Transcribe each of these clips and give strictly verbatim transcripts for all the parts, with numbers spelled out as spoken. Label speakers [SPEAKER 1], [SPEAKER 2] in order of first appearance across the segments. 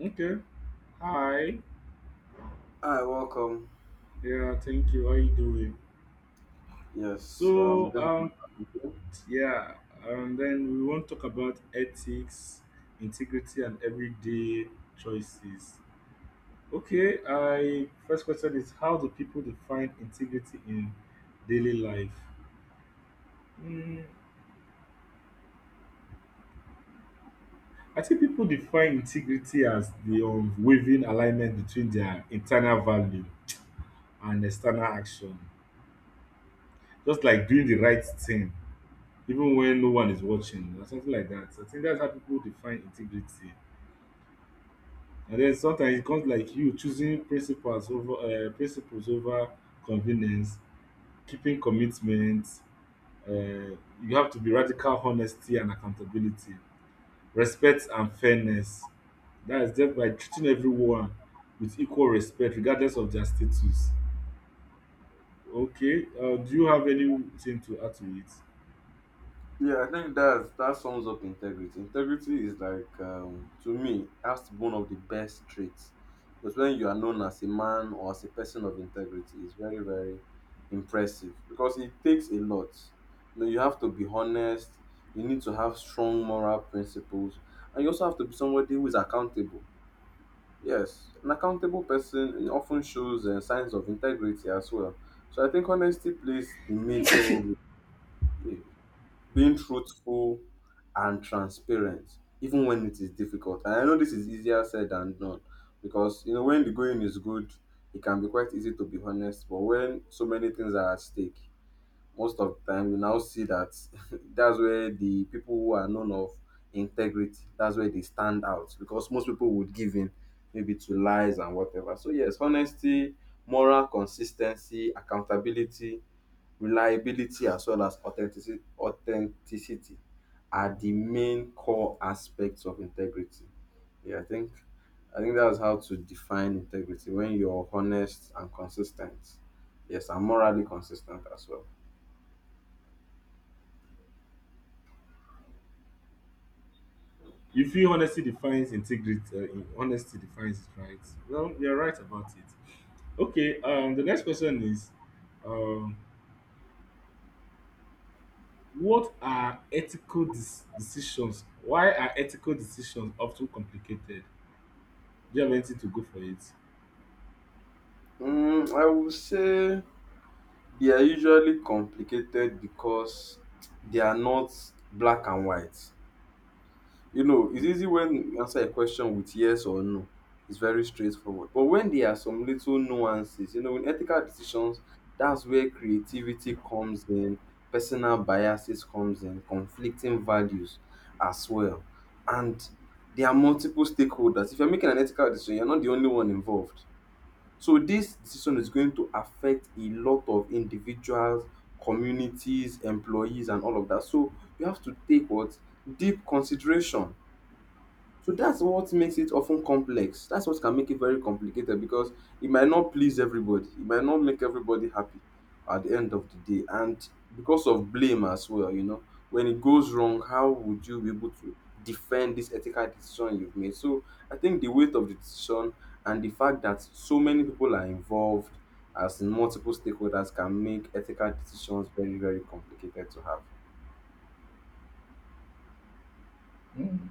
[SPEAKER 1] Okay. Hi.
[SPEAKER 2] Hi, welcome.
[SPEAKER 1] Yeah, thank you. How you doing?
[SPEAKER 2] Yes, um,
[SPEAKER 1] So, um, yeah, and then we want to talk about ethics, integrity, and everyday choices. Okay, I first question is how do people define integrity in daily life? Mm, I think people define integrity as the unwavering alignment between their internal value and external action, just like doing the right thing even when no one is watching or something like that. I think that's how people define integrity. And then sometimes it comes like you choosing principles over uh, principles over convenience, keeping commitments. Uh, you have to be radical honesty and accountability, respect and fairness. That is just by treating everyone with equal respect, regardless of their status. Okay, uh, do you have anything to add to it?
[SPEAKER 2] yeah, I think that that sums up integrity. Integrity is like, um, to me, that's one of the best traits. Because when you are known as a man or as a person of integrity, it's very, very impressive. Because it takes a lot. You know, you have to be honest. You need to have strong moral principles, and you also have to be somebody who is accountable. Yes, an accountable person often shows uh, signs of integrity as well. So I think honesty plays a major role. eh, Being truthful and transparent, even when it is difficult. And I know this is easier said than done, because you know when the going is good, it can be quite easy to be honest. But when so many things are at stake, most of the time you now see that that's where the people who are known of integrity, that's where they stand out, because most people would give in maybe to lies and whatever. So yes, honesty, moral consistency, accountability, reliability, as well as authenticity authenticity are the main core aspects of integrity. Yeah i think i think that's how to define integrity: when you're honest and consistent. Yes, and morally consistent as well.
[SPEAKER 1] You feel honesty defines integrity. Uh, in- honesty defines it, right? Well, you're right about it. Okay. Um, the next question is, um, what are ethical dis- decisions? Why are ethical decisions often complicated? Do you have anything to go for it?
[SPEAKER 2] Mm, I would say they are usually complicated because they are not black and white. You know, it's easy when you answer a question with yes or no. It's very straightforward. But when there are some little nuances, you know, in ethical decisions, that's where creativity comes in, personal biases comes in, conflicting values as well. And there are multiple stakeholders. If you're making an ethical decision, you're not the only one involved, so this decision is going to affect a lot of individuals, communities, employees, and all of that. So you have to take what, deep consideration. So that's what makes it often complex. That's what can make it very complicated, because it might not please everybody. It might not make everybody happy at the end of the day. And because of blame as well, you know, when it goes wrong, how would you be able to defend this ethical decision you've made? So I think the weight of the decision and the fact that so many people are involved, as in multiple stakeholders, can make ethical decisions very, very complicated to have.
[SPEAKER 1] Mm.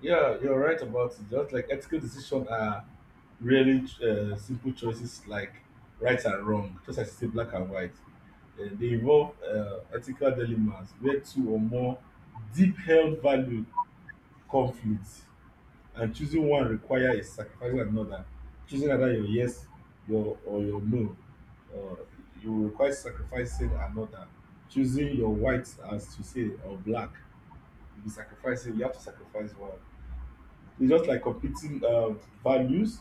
[SPEAKER 1] Yeah, you're right about it. Just like ethical decisions are really uh, simple choices like right and wrong, just as you say black and white. Uh, they involve uh, ethical dilemmas where two or more deep-held value conflict and choosing one requires sacrificing another, choosing either your yes your or your no, uh, you require sacrificing another, choosing your white as to say or black, you be sacrificing, you have to sacrifice one. It's just like competing uh, values,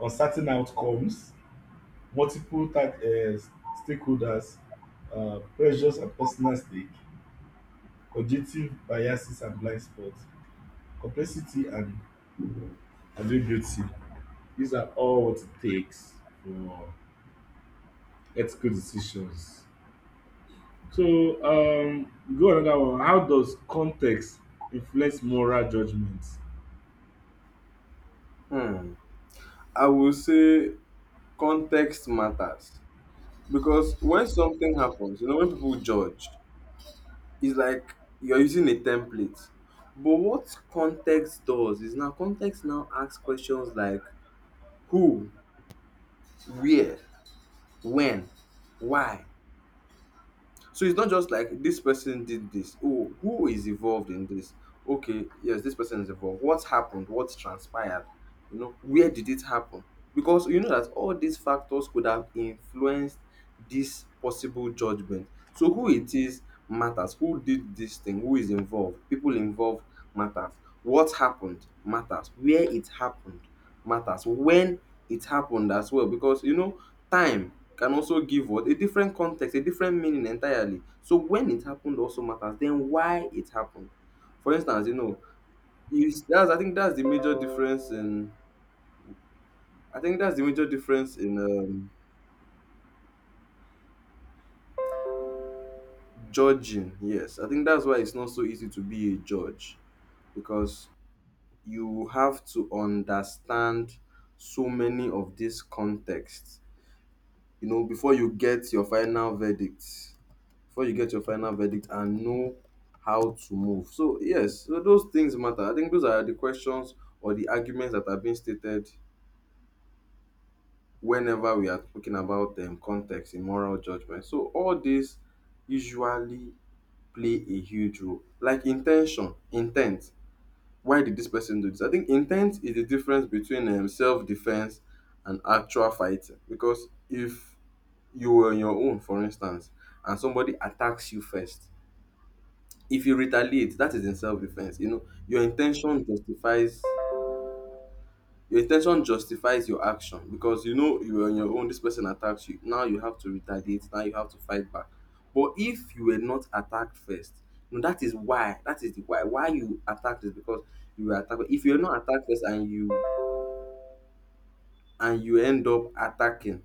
[SPEAKER 1] uncertain outcomes, multiple type, uh, stakeholders, uh, pressures and personal stake, cognitive biases and blind spots, complexity and ambiguity. These are all what it takes for ethical decisions. So, um, go another one. How does context influence moral judgments?
[SPEAKER 2] Hmm. I will say context matters. Because when something happens, you know, when people judge, it's like you're using a template. But what context does is, now context now asks questions like who, where, when, why. So it's not just like this person did this. Oh, who is involved in this? Okay, yes, this person is involved. What happened? What transpired? You know, where did it happen? Because you know that all these factors could have influenced this possible judgment. So who it is matters. Who did this thing? Who is involved? People involved matters. What happened matters. Where it happened matters, when it happened as well, because you know time can also give what, a different context, a different meaning entirely. So when it happened also matters, then why it happened. For instance, you know, is that's I think that's the major difference in I think that's the major difference in um judging. Yes, I think that's why it's not so easy to be a judge, because you have to understand so many of these contexts, you know, before you get your final verdict, before you get your final verdict and know how to move. So yes, so those things matter. I think those are the questions or the arguments that are being stated whenever we are talking about um, context in moral judgment. So all this usually play a huge role. Like intention, intent. Why did this person do this? I think intent is the difference between um, self-defense and actual fighting. Because if you were on your own, for instance, and somebody attacks you first, if you retaliate, that is in self-defense. You know, your intention justifies your intention justifies your action, because you know you were on your own, this person attacks you, now you have to retaliate, now you have to fight back. But if you were not attacked first, you know, that is why that is the why why you attacked, is because you were attacked. If you're not attacked first and you and you end up attacking,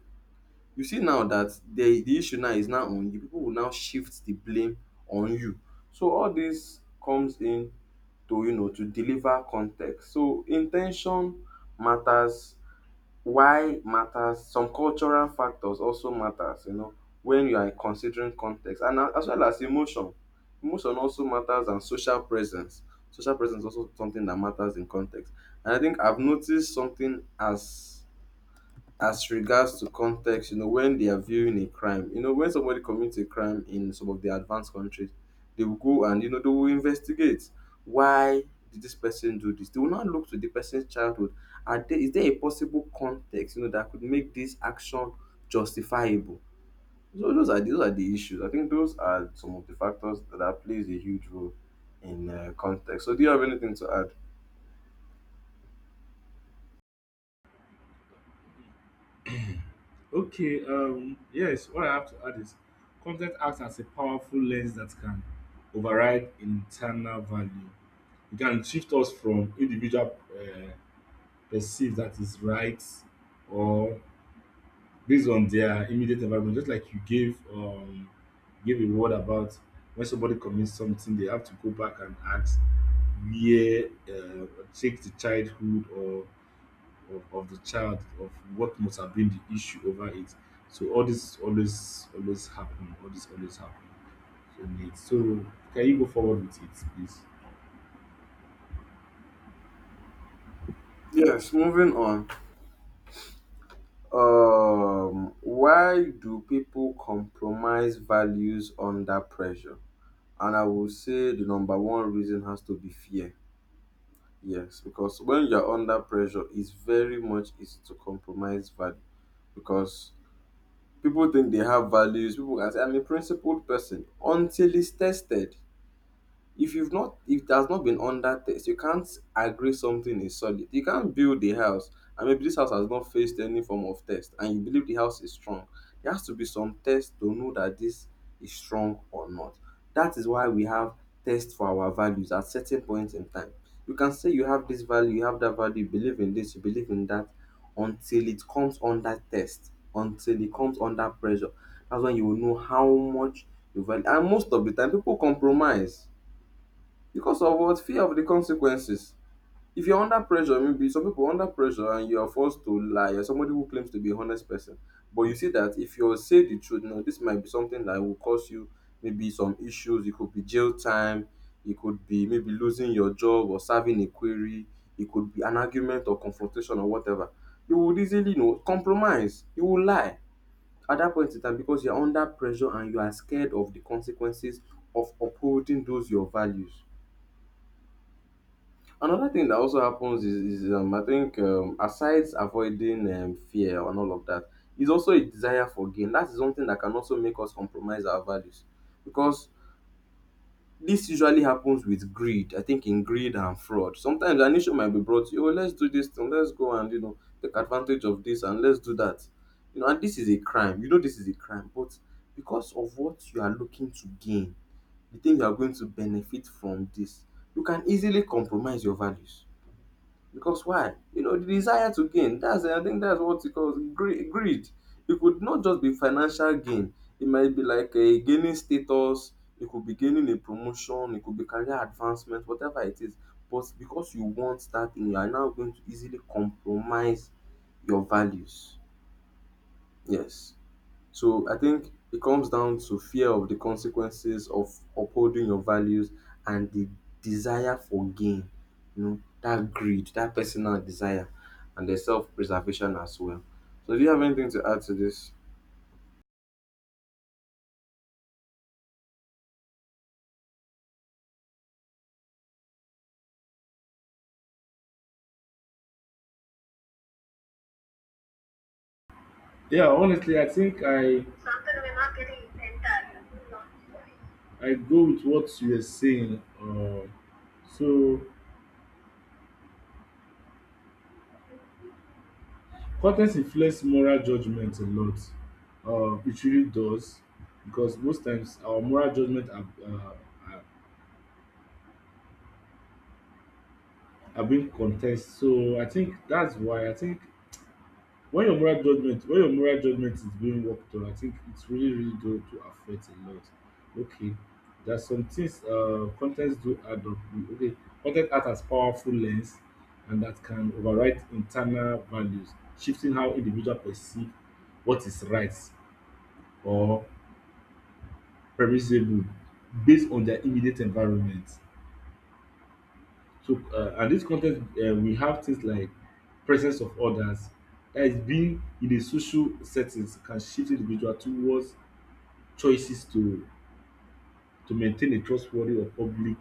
[SPEAKER 2] you see now that the the issue now is now on you. People will now shift the blame on you. So all this comes in to, you know, to deliver context. So intention matters, why matters, some cultural factors also matters, you know, when you are considering context, and a- as well as emotion. Emotion also matters, and social presence. Social presence is also something that matters in context. And I think I've noticed something as as regards to context, you know, when they are viewing a crime, you know, when somebody commits a crime in some of the advanced countries, they will go and you know they will investigate why did this person do this. They will not look to the person's childhood. Are there is there a possible context, you know, that could make this action justifiable? So those are those are the issues. I think those are some of the factors that plays a huge role in uh, context. So do you have anything to add?
[SPEAKER 1] Okay, um, yes, what I have to add is context acts as a powerful lens that can override internal value. It can shift us from individual uh, perceive that is right or based on their immediate environment. Just like you gave um gave a word about when somebody commits something, they have to go back and ask where, uh, take the childhood or of, of the child of what must have been the issue over it. So all this always always happen. All this always happen in it. So can you go forward with it, please?
[SPEAKER 2] Yes. Moving on. Um, why do people compromise values under pressure? And I will say the number one reason has to be fear. Yes, because when you're under pressure, it's very much easy to compromise value, because people think they have values. People can say, I'm a principled person, until it's tested. If you've not, if it has not been under test, you can't agree something is solid. You can't build a house and maybe this house has not faced any form of test and you believe the house is strong. There has to be some test to know that this is strong or not. That is why we have tests for our values at certain points in time. You can say you have this value, you have that value, you believe in this, you believe in that, until it comes under test, until it comes under pressure. That's when you will know how much you value. And most of the time people compromise because of what? Fear of the consequences. If you're under pressure, maybe some people are under pressure and you're forced to lie, you, somebody who claims to be a honest person, but you see that if you say the truth, now this might be something that will cause you maybe some issues. It could be jail time, it could be maybe losing your job or serving a query, it could be an argument or confrontation or whatever. You would easily, you know, compromise, you will lie at that point in time, because you're under pressure and you are scared of the consequences of upholding those your values. Another thing that also happens is, is um, I think, um, aside avoiding um, fear and all of that, is also a desire for gain. That is something that can also make us compromise our values, because this usually happens with greed. I think in greed and fraud, sometimes an issue might be brought to you: oh, let's do this thing, let's go and you know take advantage of this, and let's do that. You know, and this is a crime. You know, this is a crime, but because of what you are looking to gain, you think you are going to benefit from this. You can easily compromise your values, because why? You know, the desire to gain. That's I think that's what it calls greed. greed. It could not just be financial gain. It might be like a gaining status. It could be gaining a promotion. It could be career advancement. Whatever it is. But because you want that thing, you are now going to easily compromise your values. Yes. So I think it comes down to fear of the consequences of upholding your values and the desire for gain, you know, that greed, that personal desire, and the self preservation as well. So, do you have anything to add to this?
[SPEAKER 1] Yeah, honestly, I think I I go with what you were saying. Uh, so content influence moral judgment a lot. Uh, it really does because most times our moral judgment are, uh, are, are being contested. So I think that's why I think when your moral judgment when your moral judgment is being worked on, I think it's really really going to affect a lot. Okay, there's some things uh, contents do add up. Okay, content act as powerful lens and that can override internal values, shifting how individual perceive what is right or permissible based on their immediate environment. So, uh, and this context, uh, we have things like presence of others, that is being in a social settings can shift individual towards choices to to maintain a trustworthy or public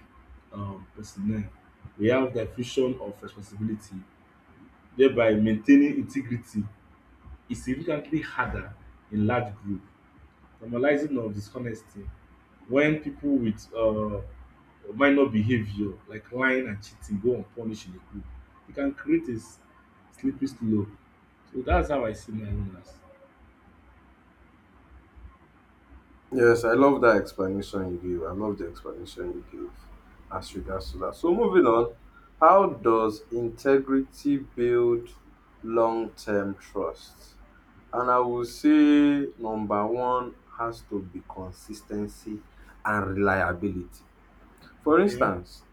[SPEAKER 1] um, personnel. We have diffusion of responsibility, thereby maintaining integrity is significantly harder in large group, normalizing of dishonesty when people with uh, minor behavior like lying and cheating go unpunished in the group e can create a s- slippery slope. So that's how I see my owners.
[SPEAKER 2] Yes, I love that explanation you gave. I love the explanation you gave as regards to that, so, moving on, how does integrity build long term trust? And I will say number one has to be consistency and reliability. For
[SPEAKER 1] Okay.
[SPEAKER 2] instance,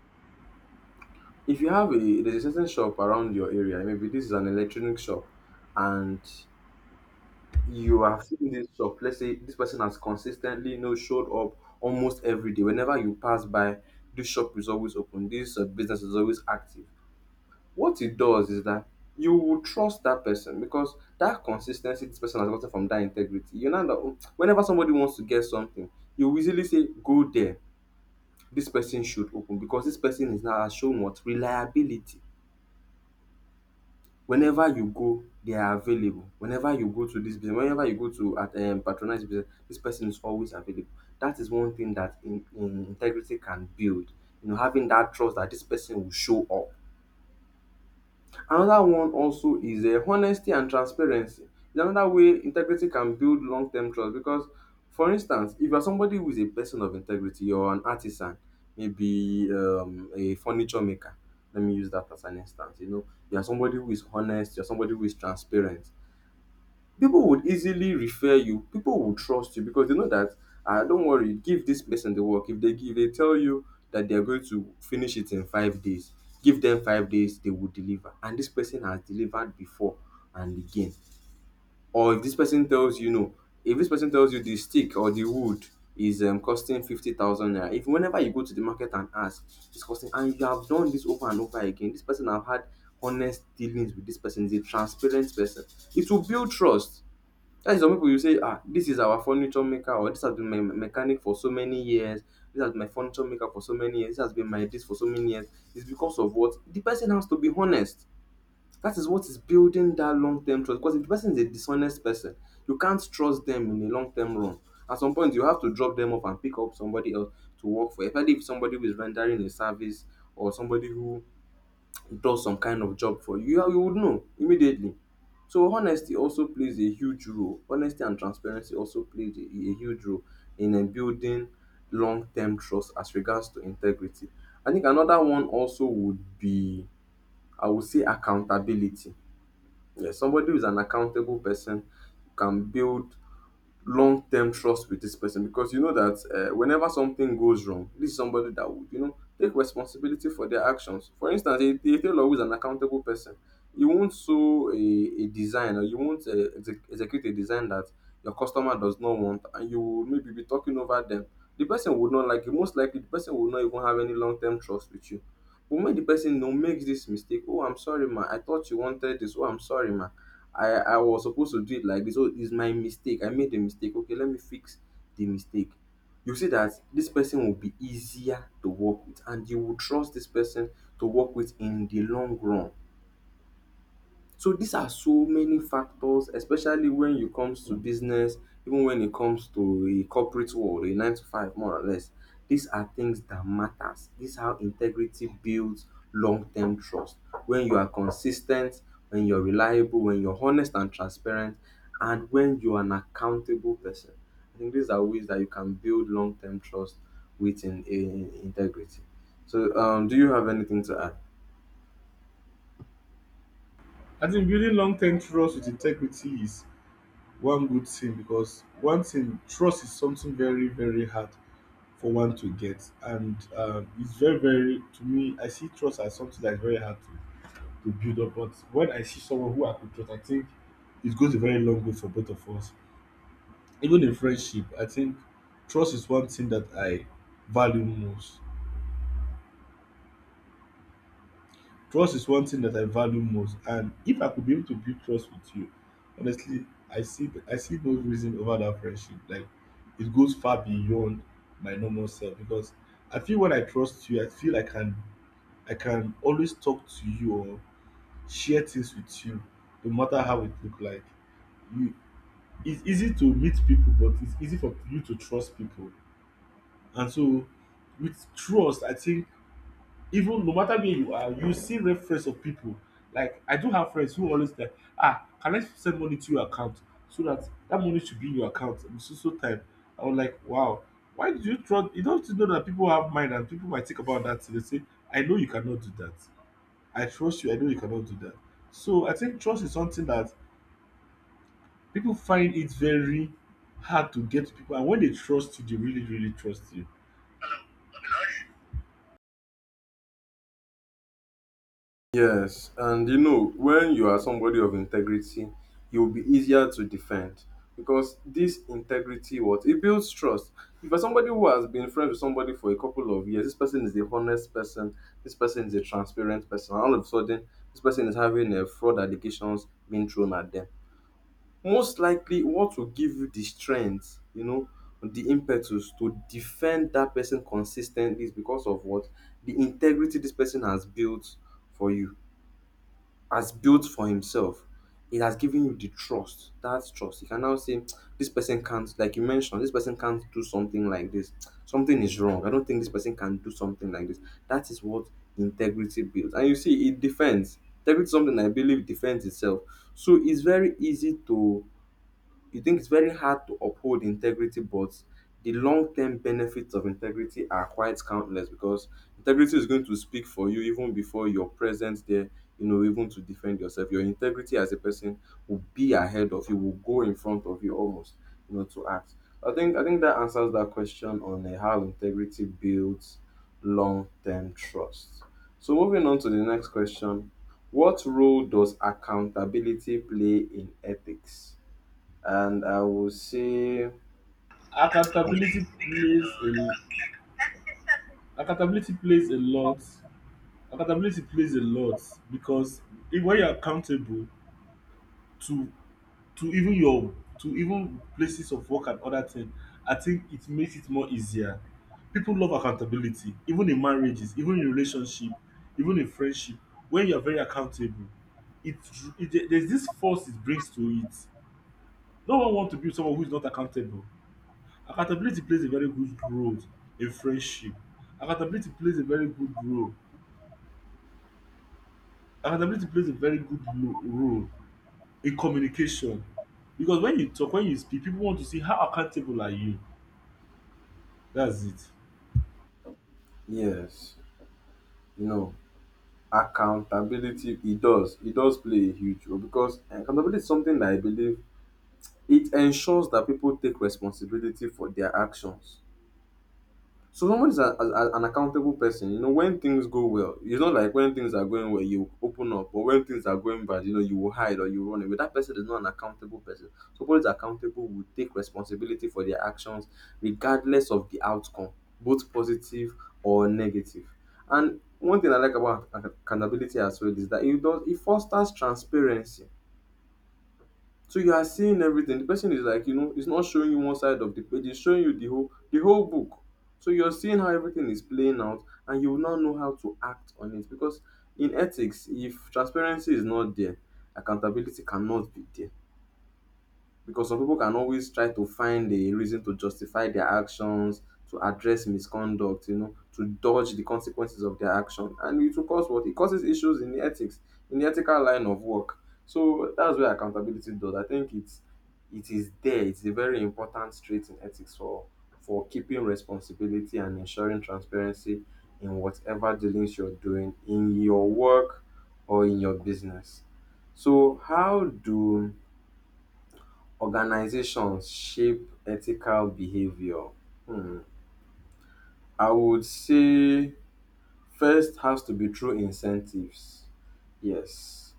[SPEAKER 2] if you have a there's a certain shop around your area, maybe this is an electronic shop, and you have seen this shop. Let's say this person has consistently you know showed up almost every day. Whenever you pass by, this shop is always open, this uh, business is always active. What it does is that you will trust that person because that consistency this person has gotten from that integrity, you know, that whenever somebody wants to get something, you will easily say go there. This person should open because this person is now has shown what reliability. Whenever you go, they are available. Whenever you go to this business, whenever you go to at um, patronize business, this person is always available. That is one thing that in, in integrity can build, you know, having that trust that this person will show up. Another one also is um honesty and transparency. Is another way integrity can build long term trust because for instance, if you are somebody who is a person of integrity or an artisan, maybe um a furniture maker, let me use that as an instance. You know, you are somebody who is honest, you are somebody who is transparent. People would easily refer you, people will trust you because they know that, ah, don't worry, give this person the work. If they give they tell you that they're going to finish it in five days, give them five days, they will deliver, and this person has delivered before. And again, or if this person tells you no, if this person tells you the stick or the wood is um, costing fifty thousand naira, if whenever you go to the market and ask, it's costing, and you have done this over and over again, this person have had honest dealings with, this person is a transparent person, it will build trust. That is, some people you say, ah, this is our furniture maker, or this has been my me- mechanic for so many years. This has been my furniture maker for so many years. This has been my this for so many years. It's because of what, the person has to be honest. That is what is building that long term trust. Because if the person is a dishonest person, you can't trust them in the long term run. At some point, you have to drop them off and pick up somebody else to work for, especially if somebody who is rendering a service or somebody who does some kind of job for you, you would know immediately. So honesty also plays a huge role. Honesty and transparency also plays a a huge role in um building long term trust as regards to integrity. I think another one also would be, I would say, accountability. Yes, somebody who is an accountable person can build long-term trust with this person because you know that uh, whenever something goes wrong, this is somebody that would, you know, take responsibility for their actions. For instance, a, a tailor who is an accountable person, you won't sew a, a design, or you won't uh, exec- execute a design that your customer does not want, and you will maybe be talking over them. The person would not like it. Most likely, the person will not even have any long-term trust with you. But when the person no makes this mistake, oh, I'm sorry, ma. I thought you wanted this. Oh, I'm sorry, ma. I I was supposed to do it like this. Oh, it's my mistake. I made a mistake. Okay, let me fix the mistake. You see that this person will be easier to work with, and you will trust this person to work with in the long run. So these are so many factors, especially when it comes to business, even when it comes to a corporate world, a nine to five more or less. These are things that matters. This is how integrity builds long-term trust. When you are consistent, when you're reliable, when you're honest and transparent, and when you're an accountable person. I think these are ways that you can build long-term trust within in, integrity. So um, do you have anything to add?
[SPEAKER 1] I think building long-term trust with integrity is one good thing because one thing, trust is something very very hard for one to get, and um, it's very very, to me, I see trust as something that's very hard to to build up. But when I see someone who I could trust, I think it goes a very long way for both of us. Even in friendship, I think trust is one thing that I value most. Trust is one thing that I value most, and if I could be able to build trust with you, honestly, I see I see no reason over that friendship. Like it goes far beyond my normal self because I feel when I trust you, I feel I can I can always talk to you or share things with you, no matter how it look like. You, it's easy to meet people, but it's easy for you to trust people. And so, with trust, I think even no matter where you are, you see reference of people. Like I do have friends who always like, ah, can I send money to your account so that that money should be in your account? I'm so so time. I was like, wow, why did you trust? You don't know that people have mind and people might think about that. They say, I know you cannot do that. I trust you. I know you cannot do that. So I think trust is something that pipu find it very hard to get, pipu, and wen dey trust you dey really really trust you.
[SPEAKER 2] Yes, and you know, when you are somebody of integrity, you'll be easier to defend because this integrity, what it builds, trust. If you're somebody who has been friends with somebody for a couple of years, this person is a honest person, this person is a transparent person, and all of a sudden, this person is having a fraud allegations being thrown at them. Most likely, what will give you the strength, you know, the impetus to defend that person consistently is because of what, the integrity this person has built for you, has built for himself, it has given you the trust. That trust, you can now say this person can't, like you mentioned, this person can't do something like this. Something is wrong, I don't think this person can do something like this. That is what integrity builds, and you see it defends. Integrity is something I believe defends itself. So it's very easy to, you think it's very hard to uphold integrity, but the long-term benefits of integrity are quite countless because integrity is going to speak for you even before your presence there, you know, even to defend yourself. Your integrity as a person will be ahead of you, will go in front of you almost, you know, to act. I think I think that answers that question on uh, how integrity builds long-term trust. So moving on to the next question, what role does accountability play in ethics? And I will say,
[SPEAKER 1] Accountability plays a accountability plays a lot accountability plays a lot because wen you are accountable to to even your to even places of work and other thing, I think it makes it more easier. Pipu love accountability, even in marriages, even in relationship, even in friendship. Wen you are very accountable, it, there is dis force it brings to it. No one wants to be someone who is not accountable. Accountability plays a very good role in friendship. Accountability plays a very good role. Accountability plays a very good lo- role in communication. Because when you talk, when you speak, people want to see how accountable are you. That's it.
[SPEAKER 2] yes, you know, accountability, it does. It does play a huge role because accountability is something that I believe it ensures that people take responsibility for their actions. So someone is a, a, a- an accountable person. You know, when things go well, it's not like when things are going well, you open up, but when things are going bad, you know, you will hide or you run away. That person is not an accountable person. Somebody is accountable will take responsibility for their actions, regardless of the outcome, both positive or negative. And one thing I like about ac- accountability as well is that it does, it fosters transparency, so you are seeing everything. The person is like, you know, it's not showing you one side of the page, it's showing you the whole the whole book. So you're seeing how everything is playing out, and you will not know how to act on it. Because in ethics, if transparency is not there, accountability cannot be there because some people can always try to find a reason to justify their actions, to address misconduct, you know, to dodge the consequences of their action. And it will cause what? It causes issues in the ethics, in the ethical line of work. So that's where accountability does. I think it's, it is there. It's a very important trait in ethics for for keeping responsibility and ensuring transparency in whatever dealings you're doing in your work or in your business. So how do organizations shape ethical behavior? Hmm, I would say first has to be through incentives. Yes,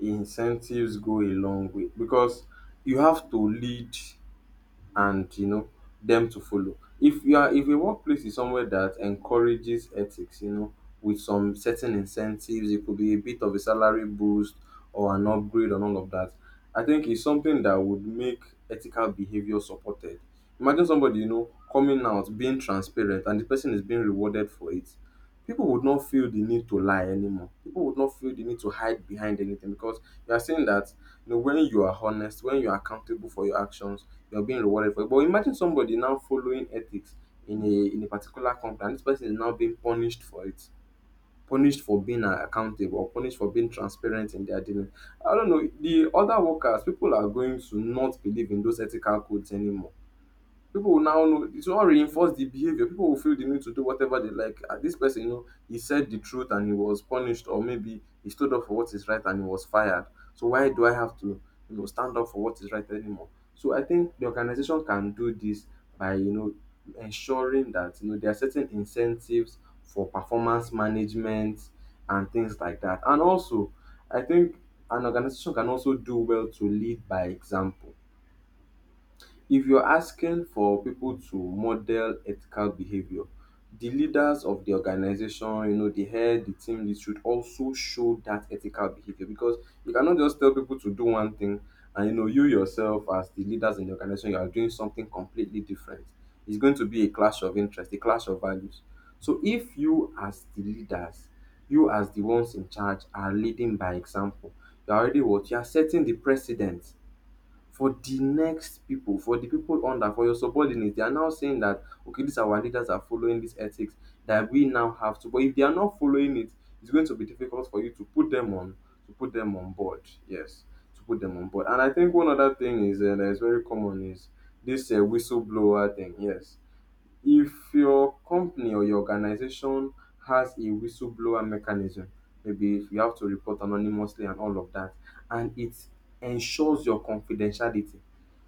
[SPEAKER 2] incentives go a long way because you have to lead, and you know, them to follow. If you are, if a workplace is somewhere that encourages ethics, you know, with some certain incentives, it could be a bit of a salary boost or an upgrade and all of that. I think it's something that would make ethical behavior supported. Imagine somebody, you know, coming out, being transparent, and the person is being rewarded for it. People would not feel the need to lie anymore. People would not feel the need to hide behind anything because you are saying that, you know, when you are honest, when you are accountable for your actions, you are being rewarded for it. But imagine somebody now following ethics in a in a particular company, and this person is now being punished for it, punished for being uh, accountable, or punished for being transparent in their dealing. I don't know. The other workers, people are going to not believe in those ethical codes anymore. People will now know, it will all reinforce the behavior. People will feel the need to do whatever they like. Ah, this person, you know, he said the truth and he was punished, or maybe he stood up for what is right and he was fired. So why do I have to, you know, stand up for what is right anymore? So I think the organization can do this by, you know, ensuring that you know there are certain incentives for performance management and things like that. And also, I think an organization can also do well to lead by example. If you're asking for people to model ethical behavior, the leaders of the organization, you know, the head, the team lead should also show that ethical behavior because you cannot just tell people to do one thing, and you know, you yourself as the leaders in the organization, you are doing something completely different. It's going to be a clash of interest, a clash of values. So if you as the leaders, you as the ones in charge are leading by example, you're already what? You are setting the precedent for the next people, for the people under, for your subordinates, they are now saying that okay, these our leaders are following this ethics that we now have to. But if they are not following it, it's going to be difficult for you to put them on to put them on board. Yes, to put them on board. And I think one other thing is uh, that is very common is this uh, whistleblower thing. Yes, if your company or your organization has a whistleblower mechanism, maybe if you have to report anonymously and all of that, and it ensures your confidentiality,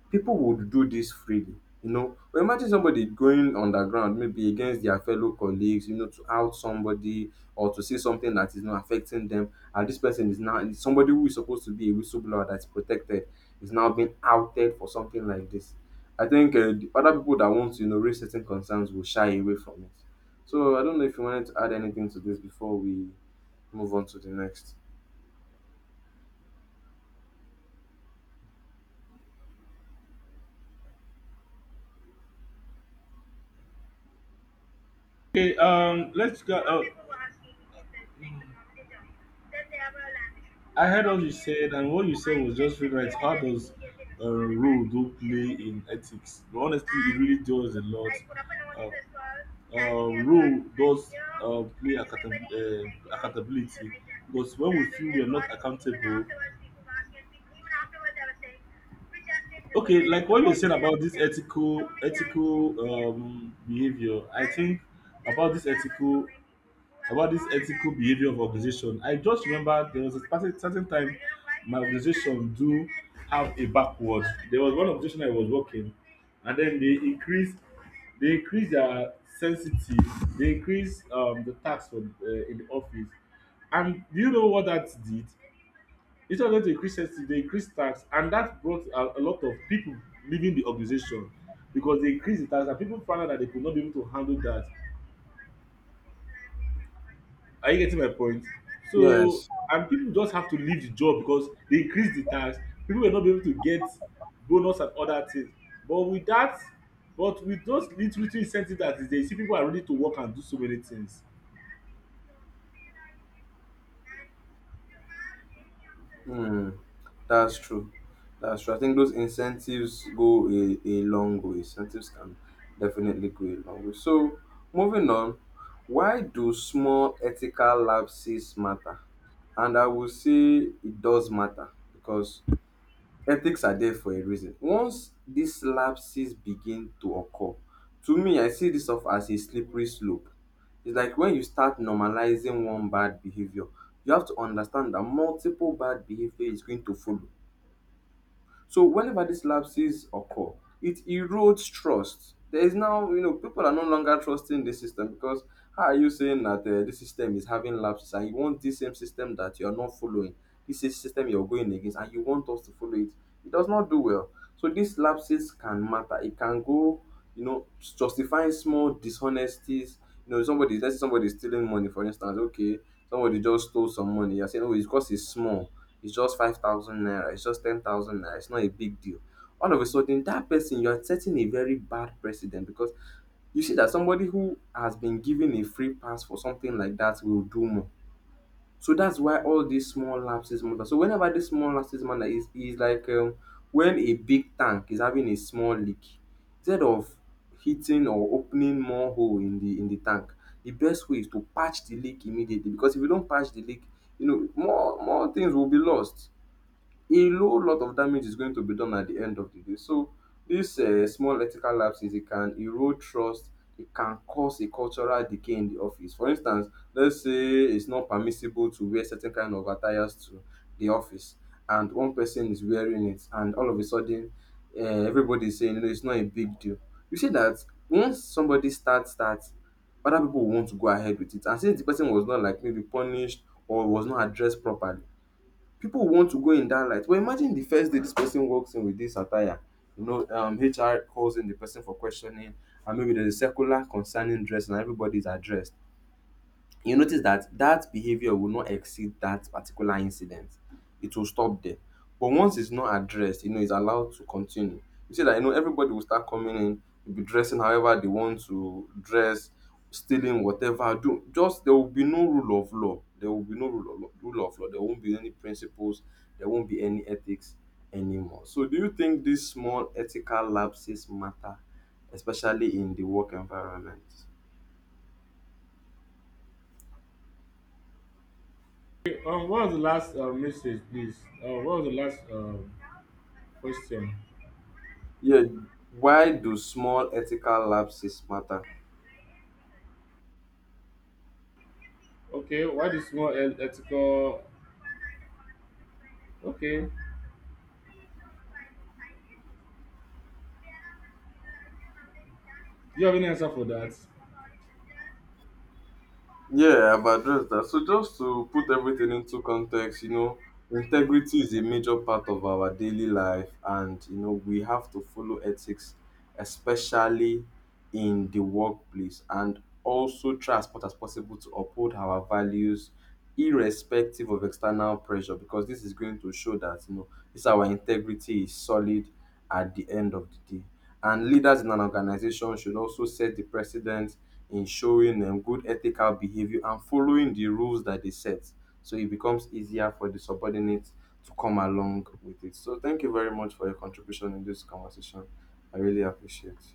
[SPEAKER 2] people would do this freely, you know, but imagine somebody going underground maybe against their fellow colleagues, you know, to out somebody or to say something that is not affecting them, and this person is now somebody who is supposed to be a whistleblower that's protected is now being outed for something like this. I think uh, the other people that want to, you know, raise certain concerns will shy away from it. So I don't know if you wanted to add anything to this before we move on to the next.
[SPEAKER 1] Okay, um, let's go. Uh, I heard what you said, and what you said was just really right. How does a role do play in ethics? But honestly, it really does a lot. Uh, uh, Role does uh, play accountab- uh, accountability, because when we feel we are not accountable, okay, like what you said about this ethical ethical um, behavior, I think about this ethical, about this ethical behavior of organization, I just remember there was a certain, certain time my organization do have a backward. There was one organization I was working, and then they increase they increase their sensitive, they increase um, the tax for uh, in the office, and do you know what that did? Instead of them to increase sensitive, they increased tax, and that brought a, a lot of people leaving the organization because they increased the tax and people found out that they could not be able to handle that. Are you getting my point? So,
[SPEAKER 2] Yes.
[SPEAKER 1] and people just have to leave the job because they increase the tax. People were not be able to get bonus and other things. But with that, but with those little little incentive that is there, you see people are ready to work and do so many things.
[SPEAKER 2] Hmm, that's true. That's true. I think those incentives go a, a long way. Incentives can definitely go a long way. So, moving on, why do small ethical lapses matter? And I will say it does matter because ethics are there for a reason. Once these lapses begin to occur, to me, I see this off as a slippery slope. It's like when you start normalizing one bad behavior, you have to understand that multiple bad behavior is going to follow. So whenever these lapses occur, it erodes trust. There is now, you know, people are no longer trusting the system because how are you saying that uh, this system is having lapses and you want this same system that you are not following, this is system you're going against, and you want us to follow it? It does not do well. So these lapses can matter. It can go, you know, justifying small dishonesties. You know, somebody, let's say somebody is stealing money, for instance. Okay, somebody just stole some money. You're saying, oh, it's because it's small, it's just five thousand naira, it's just ten thousand naira, it's not a big deal. All of a sudden that person, you're setting a very bad precedent because you see that somebody who has been given a free pass for something like that will do more. So that's why all these small lapses matter. So whenever this small lapses matter, is is like, um, when a big tank is having a small leak, instead of hitting or opening more hole in the in the tank, the best way is to patch the leak immediately, because if you don't patch the leak, you know, more more things will be lost, a low lot of damage is going to be done at the end of the day. So this uh, small ethical lapses, it can erode trust. It can cause a cultural decay in the office. For instance, let's say it's not permissible to wear certain kind of attires to the office, and one person is wearing it, and all of a sudden, uh, everybody is saying, "No, it's not a big deal." You see that once somebody starts that, other people want to go ahead with it, and since the person was not like maybe punished or was not addressed properly, people want to go in that light. But imagine the first day this person walks in with this attire. You know, um, H R calls in the person for questioning, and maybe there's a circular concerning dress, and everybody's addressed. You notice that that behavior will not exceed that particular incident. It will stop there. But once it's not addressed, you know, it's allowed to continue. You see that, you know, everybody will start coming in, will be dressing however they want to dress, stealing whatever. Do just there will be no rule of law. There will be no rule of law. Rule of law. There won't be any principles. There won't be any ethics anymore. So, do you think these small ethical lapses matter, especially in the work environment?
[SPEAKER 1] Okay, um, what was the last uh, message, please? Uh, what was the last um, question?
[SPEAKER 2] Yeah, why do small ethical lapses matter?
[SPEAKER 1] Okay, why the small e- ethical? Okay, do you have any answer for that?
[SPEAKER 2] Yeah, I've addressed that. So just to put everything into context, you know, integrity is a major part of our daily life, and you know we have to follow ethics, especially in the workplace, and also try as much as possible to uphold our values irrespective of external pressure, because this is going to show that, you know, this our integrity is solid at the end of the day, and leaders in an organization should also set the precedent in showing them good ethical behavior and following the rules that they set, so it becomes easier for the subordinates to come along with it. So thank you very much for your contribution in this conversation. I really appreciate.